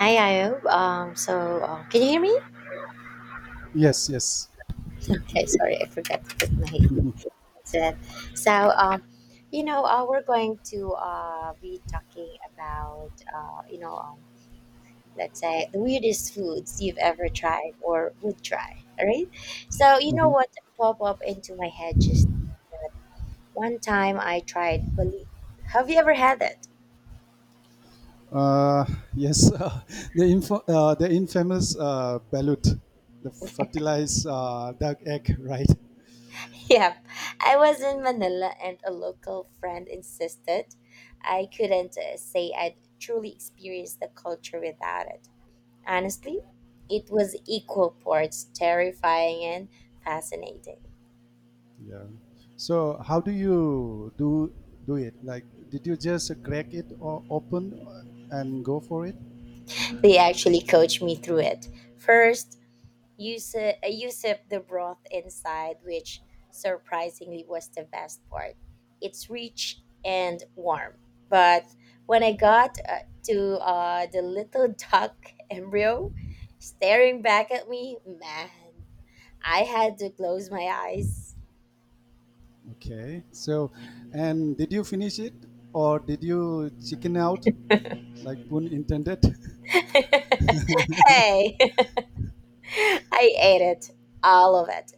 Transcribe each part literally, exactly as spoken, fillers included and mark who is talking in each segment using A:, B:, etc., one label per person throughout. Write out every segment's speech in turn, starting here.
A: Hi, Ayo. Um, so, uh, can you hear me?
B: Yes, yes.
A: Okay, sorry, I forgot to put my headset. So, um, you know, uh, we're going to uh, be talking about, uh, you know, um, let's say the weirdest foods you've ever tried or would try, all right? So, you know
B: hmm
A: what popped up into my head just one time I tried balut. Have you ever had that?
B: Uh, yes, uh, the, info, uh, the infamous uh, balut, the fertilized uh, duck egg, right?
A: Yep, I was in Manila and a local friend insisted I couldn't uh, say I'd truly experienced the culture without it. Honestly, it was equal parts terrifying and fascinating.
B: Yeah. So how do you do do it? Like, did you just crack it or open and go for it?
A: They actually coached me through it. First, Use uh, you the broth inside, which surprisingly was the best part. It's rich and warm. But when I got uh, to uh, the little duck embryo staring back at me, man, I had to close my eyes.
B: Okay. So, and did you finish it or did you chicken out, like, pun intended?
A: Hey, I ate it, all of it.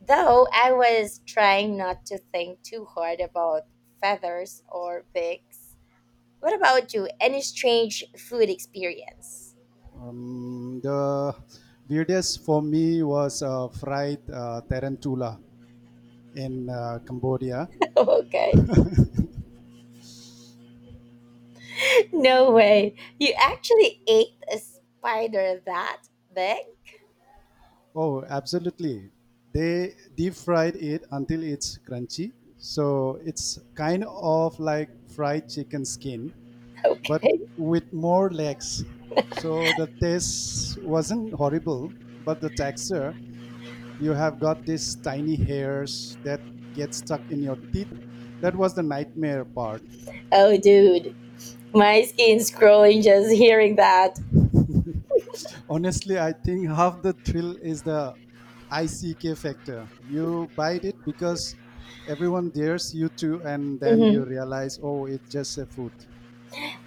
A: Though I was trying not to think too hard about feathers or beaks. What about you? Any strange food experience?
B: Um, the weirdest for me was uh, fried uh, tarantula in uh, Cambodia.
A: Okay. No way. You actually ate a spider that big?
B: Oh, absolutely. They deep fried it until it's crunchy. So it's kind of like fried chicken skin, but
A: Okay.
B: with more legs. So the taste wasn't horrible, but the texture, you have got these tiny hairs that get stuck in your teeth. That was the nightmare part.
A: Oh, dude. My skin's crawling just hearing that.
B: Honestly, I think half the thrill is the ick factor. You bite it because everyone dares you to, and then you
A: Hmm.
B: realize, oh, it's just a food.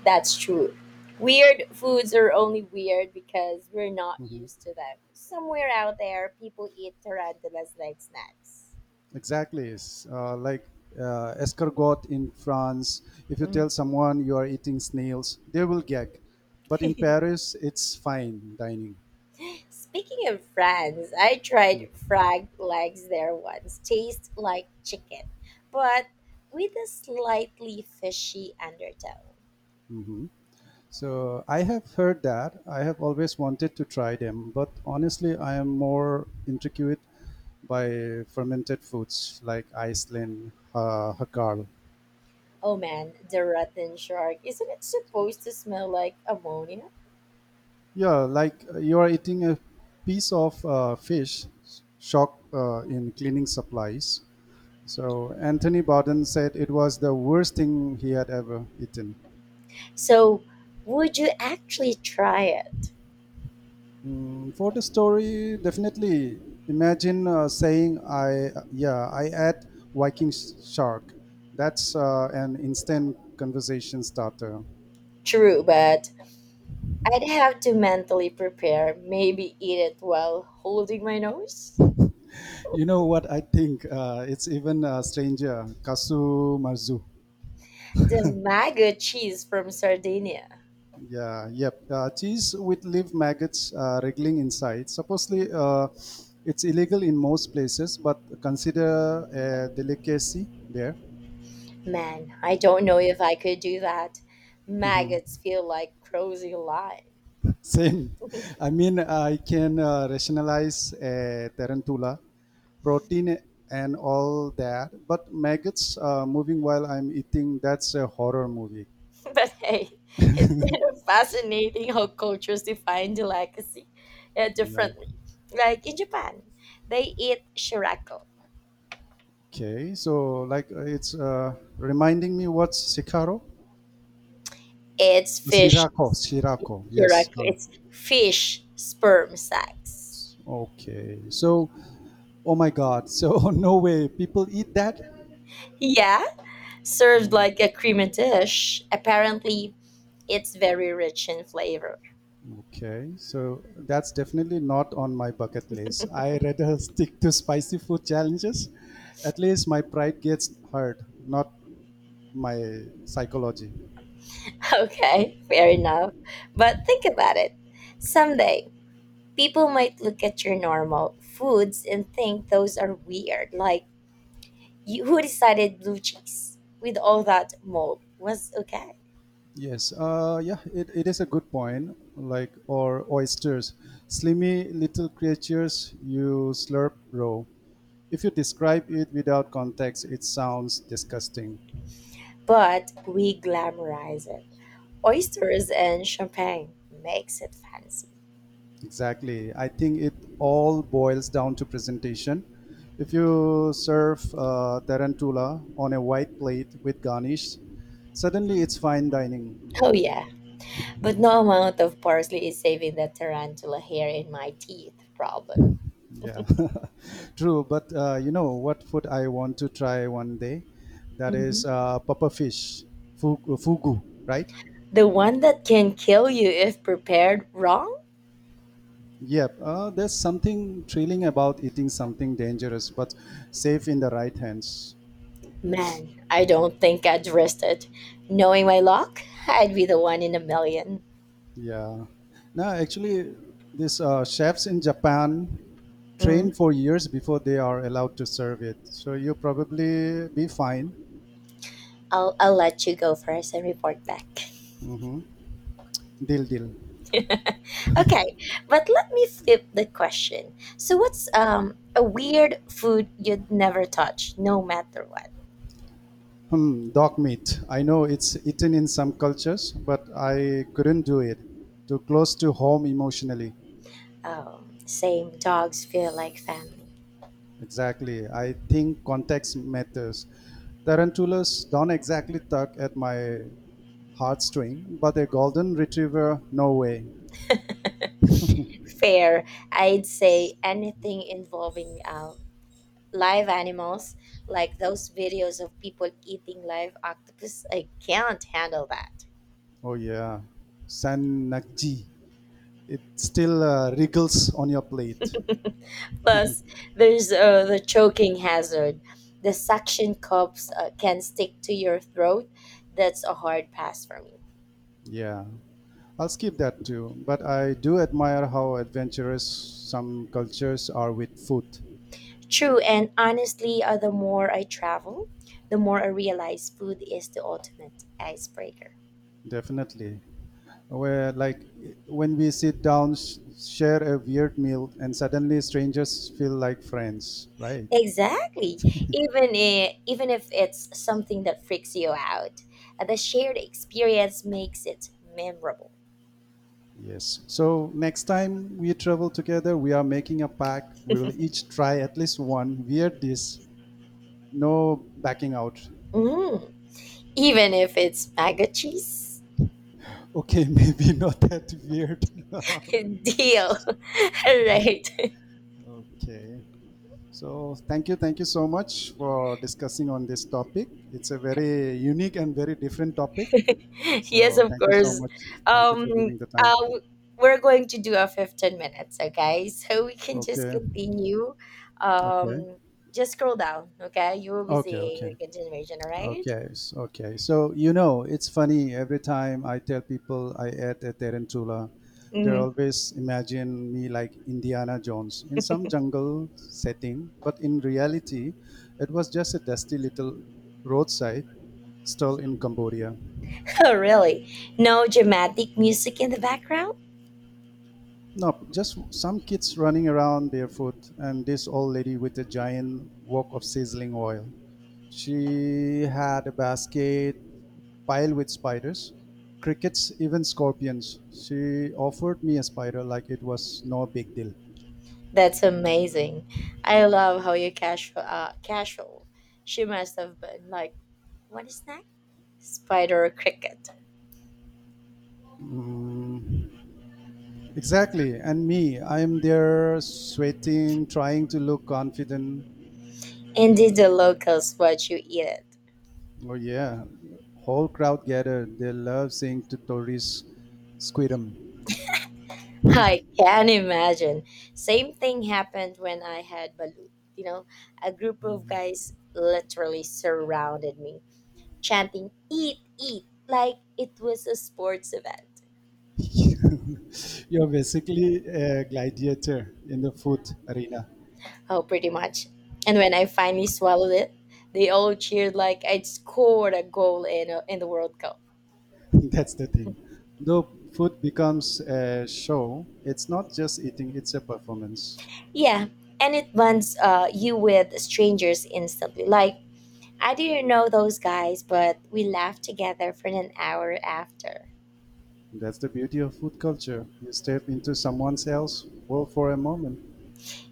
A: That's true. Weird foods are only weird because we're not used to them. Somewhere out there, people eat tarantulas like snacks.
B: Exactly. It's, uh, like uh, escargot in France. If you
A: Mm.
B: tell someone you are eating snails, they will gag. But in Paris, it's fine dining.
A: Speaking of France, I tried frog legs there once. Tastes like chicken, but with a slightly fishy undertone.
B: Mhm. So I have heard that. I have always wanted to try them, but honestly, I am more intrigued by fermented foods like Iceland, uh, Hakal.
A: Oh man, the rotten shark. Isn't it supposed to smell like ammonia?
B: Yeah, like uh, you are eating a piece of uh, fish, shock uh, in cleaning supplies. So Anthony Bowden said it was the worst thing he had ever eaten.
A: So, would you actually try it?
B: Mm, for the story, definitely imagine uh, saying, "I yeah, I ate Viking sh- shark." That's uh, an instant conversation starter.
A: True, but I'd have to mentally prepare, maybe eat it while holding my nose.
B: You know what I think? Uh, it's even uh, stranger. Kasu marzu.
A: The Maga cheese from Sardinia.
B: Yeah, yep. Uh, cheese with live maggots uh, wriggling inside. Supposedly, uh, it's illegal in most places, but consider a delicacy there.
A: Man, I don't know if I could do that.
B: Mhm.
A: Maggots feel like crazy line.
B: Same. I mean, I can uh, rationalize a tarantula, protein and all that, but maggots uh, moving while I'm eating, that's a horror movie.
A: But hey, it's kind of fascinating how cultures define delicacy uh,
B: Yeah.
A: differently. Like in Japan, they eat shirako.
B: Okay. So, like, uh, it's uh, reminding me, what's Sicaro?
A: It's fish.
B: Sirako, Sirako. Yes.
A: Correct.
B: Uh,
A: It's fish sperm sacs.
B: Okay. So, oh my God. So, no way. People eat that?
A: Yeah, served like a creamy dish. Apparently, it's very rich in flavor.
B: Okay, so that's definitely not on my bucket list. I rather stick to spicy food challenges. At least my pride gets hurt, not my psychology.
A: Okay, fair enough. But think about it. Someday, people might look at your normal foods and think those are weird. Like, you, who decided blue cheese with all that mold was okay?
B: Yes, uh, yeah, it, it is a good point. Like, or oysters, slimy little creatures you slurp raw. If you describe it without context, it sounds disgusting.
A: But we glamorize it. Oysters and champagne makes it fancy.
B: Exactly. I think it all boils down to presentation. If you serve uh, tarantula on a white plate with garnish, suddenly it's fine dining.
A: Oh yeah, but no amount of parsley is saving that tarantula hair in my teeth problem.
B: Yeah, true. But uh, you know what food I want to try one day? That is
A: Mhm.
B: uh, papa fish, fu- fugu, right?
A: The one that can kill you if prepared wrong?
B: Yep. Uh, there's something thrilling about eating something dangerous but safe in the right hands.
A: Man, I don't think I'd risk it. Knowing my luck, I'd be the one in a million.
B: Yeah. No, actually, these uh, chefs in Japan train
A: Hmm.
B: for years before they are allowed to serve it. So you probably be fine.
A: I'll, I'll let you go first and report back.
B: hmm Deal, deal.
A: Okay, but let me flip the question. So, what's um, a weird food you'd never touch, no matter what?
B: Hmm, dog meat. I know it's eaten in some cultures, but I couldn't do it. Too close to home emotionally.
A: Um, same dogs feel like family.
B: Exactly. I think context matters. Tarantulas don't exactly tug at my heartstring, but a golden retriever, no way.
A: Fair. I'd say anything involving uh, live animals, like those videos of people eating live octopus. I can't handle that.
B: Oh yeah, Sanakji. It still uh, wriggles on your plate.
A: Plus, there's uh, the choking hazard. The suction cups uh, can stick to your throat. That's a hard pass for me.
B: Yeah, I'll skip that too. But I do admire how adventurous some cultures are with food.
A: True, and honestly, uh, the more I travel, the more I realize food is the ultimate icebreaker.
B: Definitely, where like when we sit down, sh- share a weird meal, and suddenly strangers feel like friends, right?
A: Exactly. Even if, even if it's something that freaks you out, uh, the shared experience makes it memorable.
B: Yes. So next time we travel together, we are making a pact. We will each try at least one weird dish. No backing out.
A: Mm, even if it's mac and cheese.
B: Okay, maybe not that weird.
A: Deal. All right.
B: Okay. So thank you, thank you so much for discussing on this topic. It's a very unique and very different topic.
A: Yes,
B: So
A: of
B: thank you so
A: course.
B: much. Thank you for
A: Um,
B: giving the time.
A: uh, we're going to do a fifteen minutes, okay? So we can just
B: Okay.
A: continue.
B: Okay.
A: Um, just scroll down, okay? You will be
B: Okay.
A: seeing
B: Okay.
A: the continuation, all right?
B: Okay, s- okay. So you know, it's funny, every time I tell people I ate a tarantula, they
A: Mhm.
B: always imagine me like Indiana Jones in some jungle setting, but in reality, it was just a dusty little roadside stall in Cambodia.
A: Oh, really? No dramatic music in the background?
B: No, just some kids running around barefoot, and this old lady with a giant wok of sizzling oil. She had a basket piled with spiders, crickets, even scorpions. She offered me a spider like it was no big deal.
A: That's amazing. I love how you casual. Uh, casual. She must have been like, what is that? Spider or cricket.
B: Mm. Exactly. And me, I'm there sweating, trying to look confident.
A: And did the locals watch you eat it.
B: Oh, yeah. Whole crowd gathered. They love seeing to tourists squirm.
A: I can imagine. Same thing happened when I had balut. You know, a group of guys literally surrounded me, chanting "Eat, eat!" like it was a sports event.
B: You're basically a gladiator in the food arena.
A: Oh, pretty much. And when I finally swallowed it, they all cheered like I'd scored a goal in, a, in the World Cup.
B: That's the thing. Though food becomes a show, it's not just eating, it's a performance.
A: Yeah, and it bonds uh, you with strangers instantly. Like, I didn't know those guys, but we laughed together for an hour after.
B: That's the beauty of food culture. You step into someone else's world for a moment.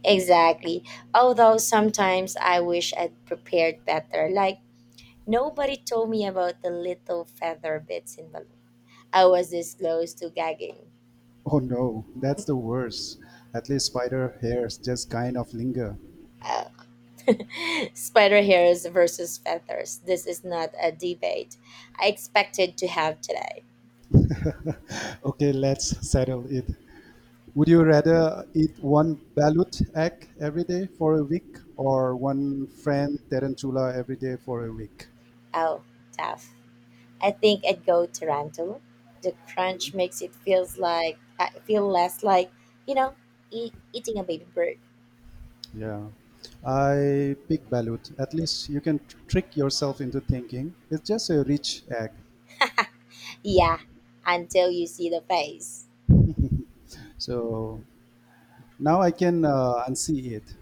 A: Exactly. Although sometimes I wish I'd prepared better. Like, nobody told me about the little feather bits in balloon. I was this close to gagging.
B: Oh no, that's the worst. At least spider hairs just kind of linger.
A: Uh, Spider hairs versus feathers. This is not a debate I expected to have today.
B: Okay, let's settle it. Would you rather eat one balut egg every day for a week or one friend tarantula every day for a week?
A: Oh, tough. I think I'd go tarantula. The crunch makes it feels like I feel less like you know e- eating a baby bird.
B: Yeah, I pick balut. At least you can tr- trick yourself into thinking it's just a rich egg.
A: Yeah, until you see the face.
B: So now I can uh, unsee it.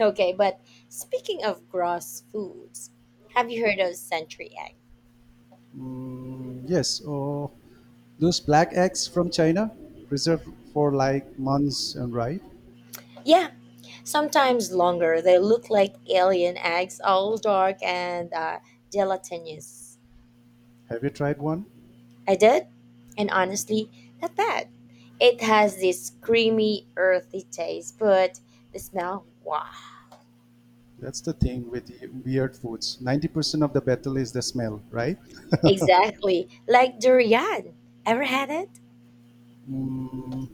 A: Okay, but speaking of gross foods, have you heard of century egg?
B: Mm, yes, oh, those black eggs from China, preserved for like months and right?
A: Yeah, sometimes longer. They look like alien eggs, all dark and uh, gelatinous.
B: Have you tried one?
A: I did, and honestly, not bad. It has this creamy, earthy taste, but the smell, wow.
B: That's the thing with the weird foods. ninety percent of the battle is the smell, right?
A: Exactly, like durian. Ever had it?
B: Mm,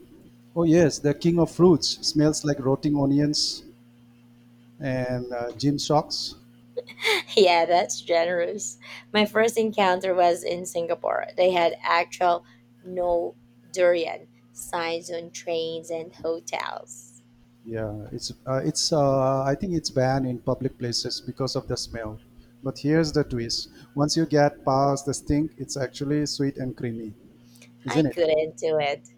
B: oh, yes, the king of fruits smells like rotting onions and uh, gym socks.
A: Yeah, that's generous. My first encounter was in Singapore. They had actual no durian signs on trains and hotels.
B: Yeah, it's uh, it's uh, I think it's banned in public places because of the smell. But here's the twist: once you get past the stink, it's actually sweet and creamy,
A: I
B: isn't it?
A: couldn't do it.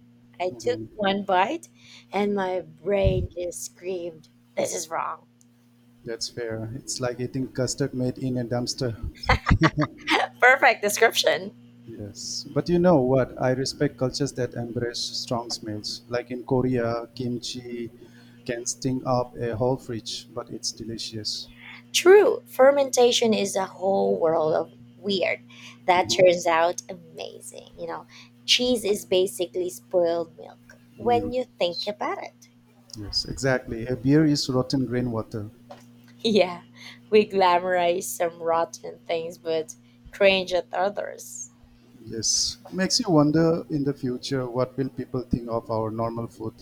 A: I took
B: hmm
A: one bite and my brain just screamed, this is wrong.
B: That's fair. It's like eating custard made in a dumpster.
A: Perfect description.
B: Yes, but you know what? I respect cultures that embrace strong smells. Like in Korea, kimchi can stink up a whole fridge, but it's delicious.
A: True, fermentation is a whole world of weird that
B: hmm
A: turns out amazing. You know, cheese is basically spoiled milk when you think
B: Yes,
A: about it.
B: yes, exactly. A beer is rotten rainwater.
A: Yeah, we glamorize some rotten things but cringe at others.
B: Yes, makes you wonder, in the future what will people think of our normal food.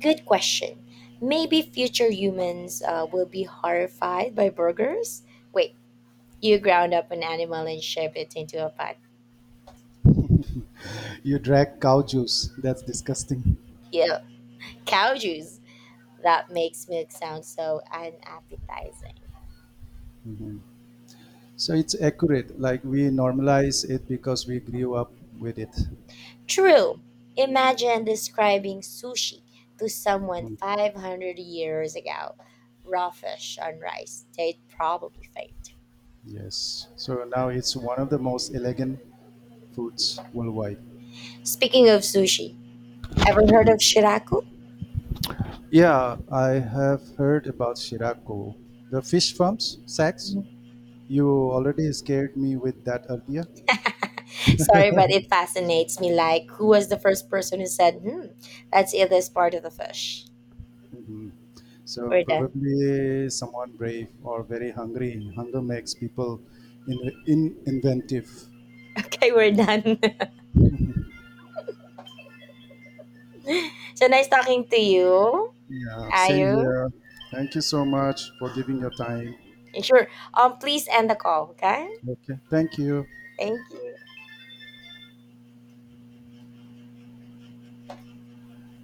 A: Good question. Maybe future humans uh, will be horrified by burgers? Wait, you ground up an animal and shape it into a pack.
B: You drag cow juice, that's disgusting.
A: Yeah, cow juice. That makes milk sound so unappetizing.
B: So it's accurate, like we normalize it because we grew up with it.
A: True. Imagine describing sushi to someone
B: Mhm.
A: five hundred years ago. Raw fish on rice. They'd probably faint.
B: Yes, so now it's one of the most elegant foods worldwide.
A: Speaking of sushi, ever heard of shiraku?
B: Yeah, I have heard about Shirako, the fish farms, sacks. You already scared me with that earlier.
A: Sorry, but it fascinates me. Like, who was the first person who said, hmm, let's eat this part of the fish?
B: Mhm. So
A: We're done.
B: probably someone brave or very hungry. Hunger makes people in, in inventive.
A: Okay, we're done. So nice talking to you.
B: Yeah, same
A: Ayu.
B: here. Thank you so much for giving your time.
A: Sure. Um, please end the call. Okay.
B: Okay, thank you.
A: Thank you.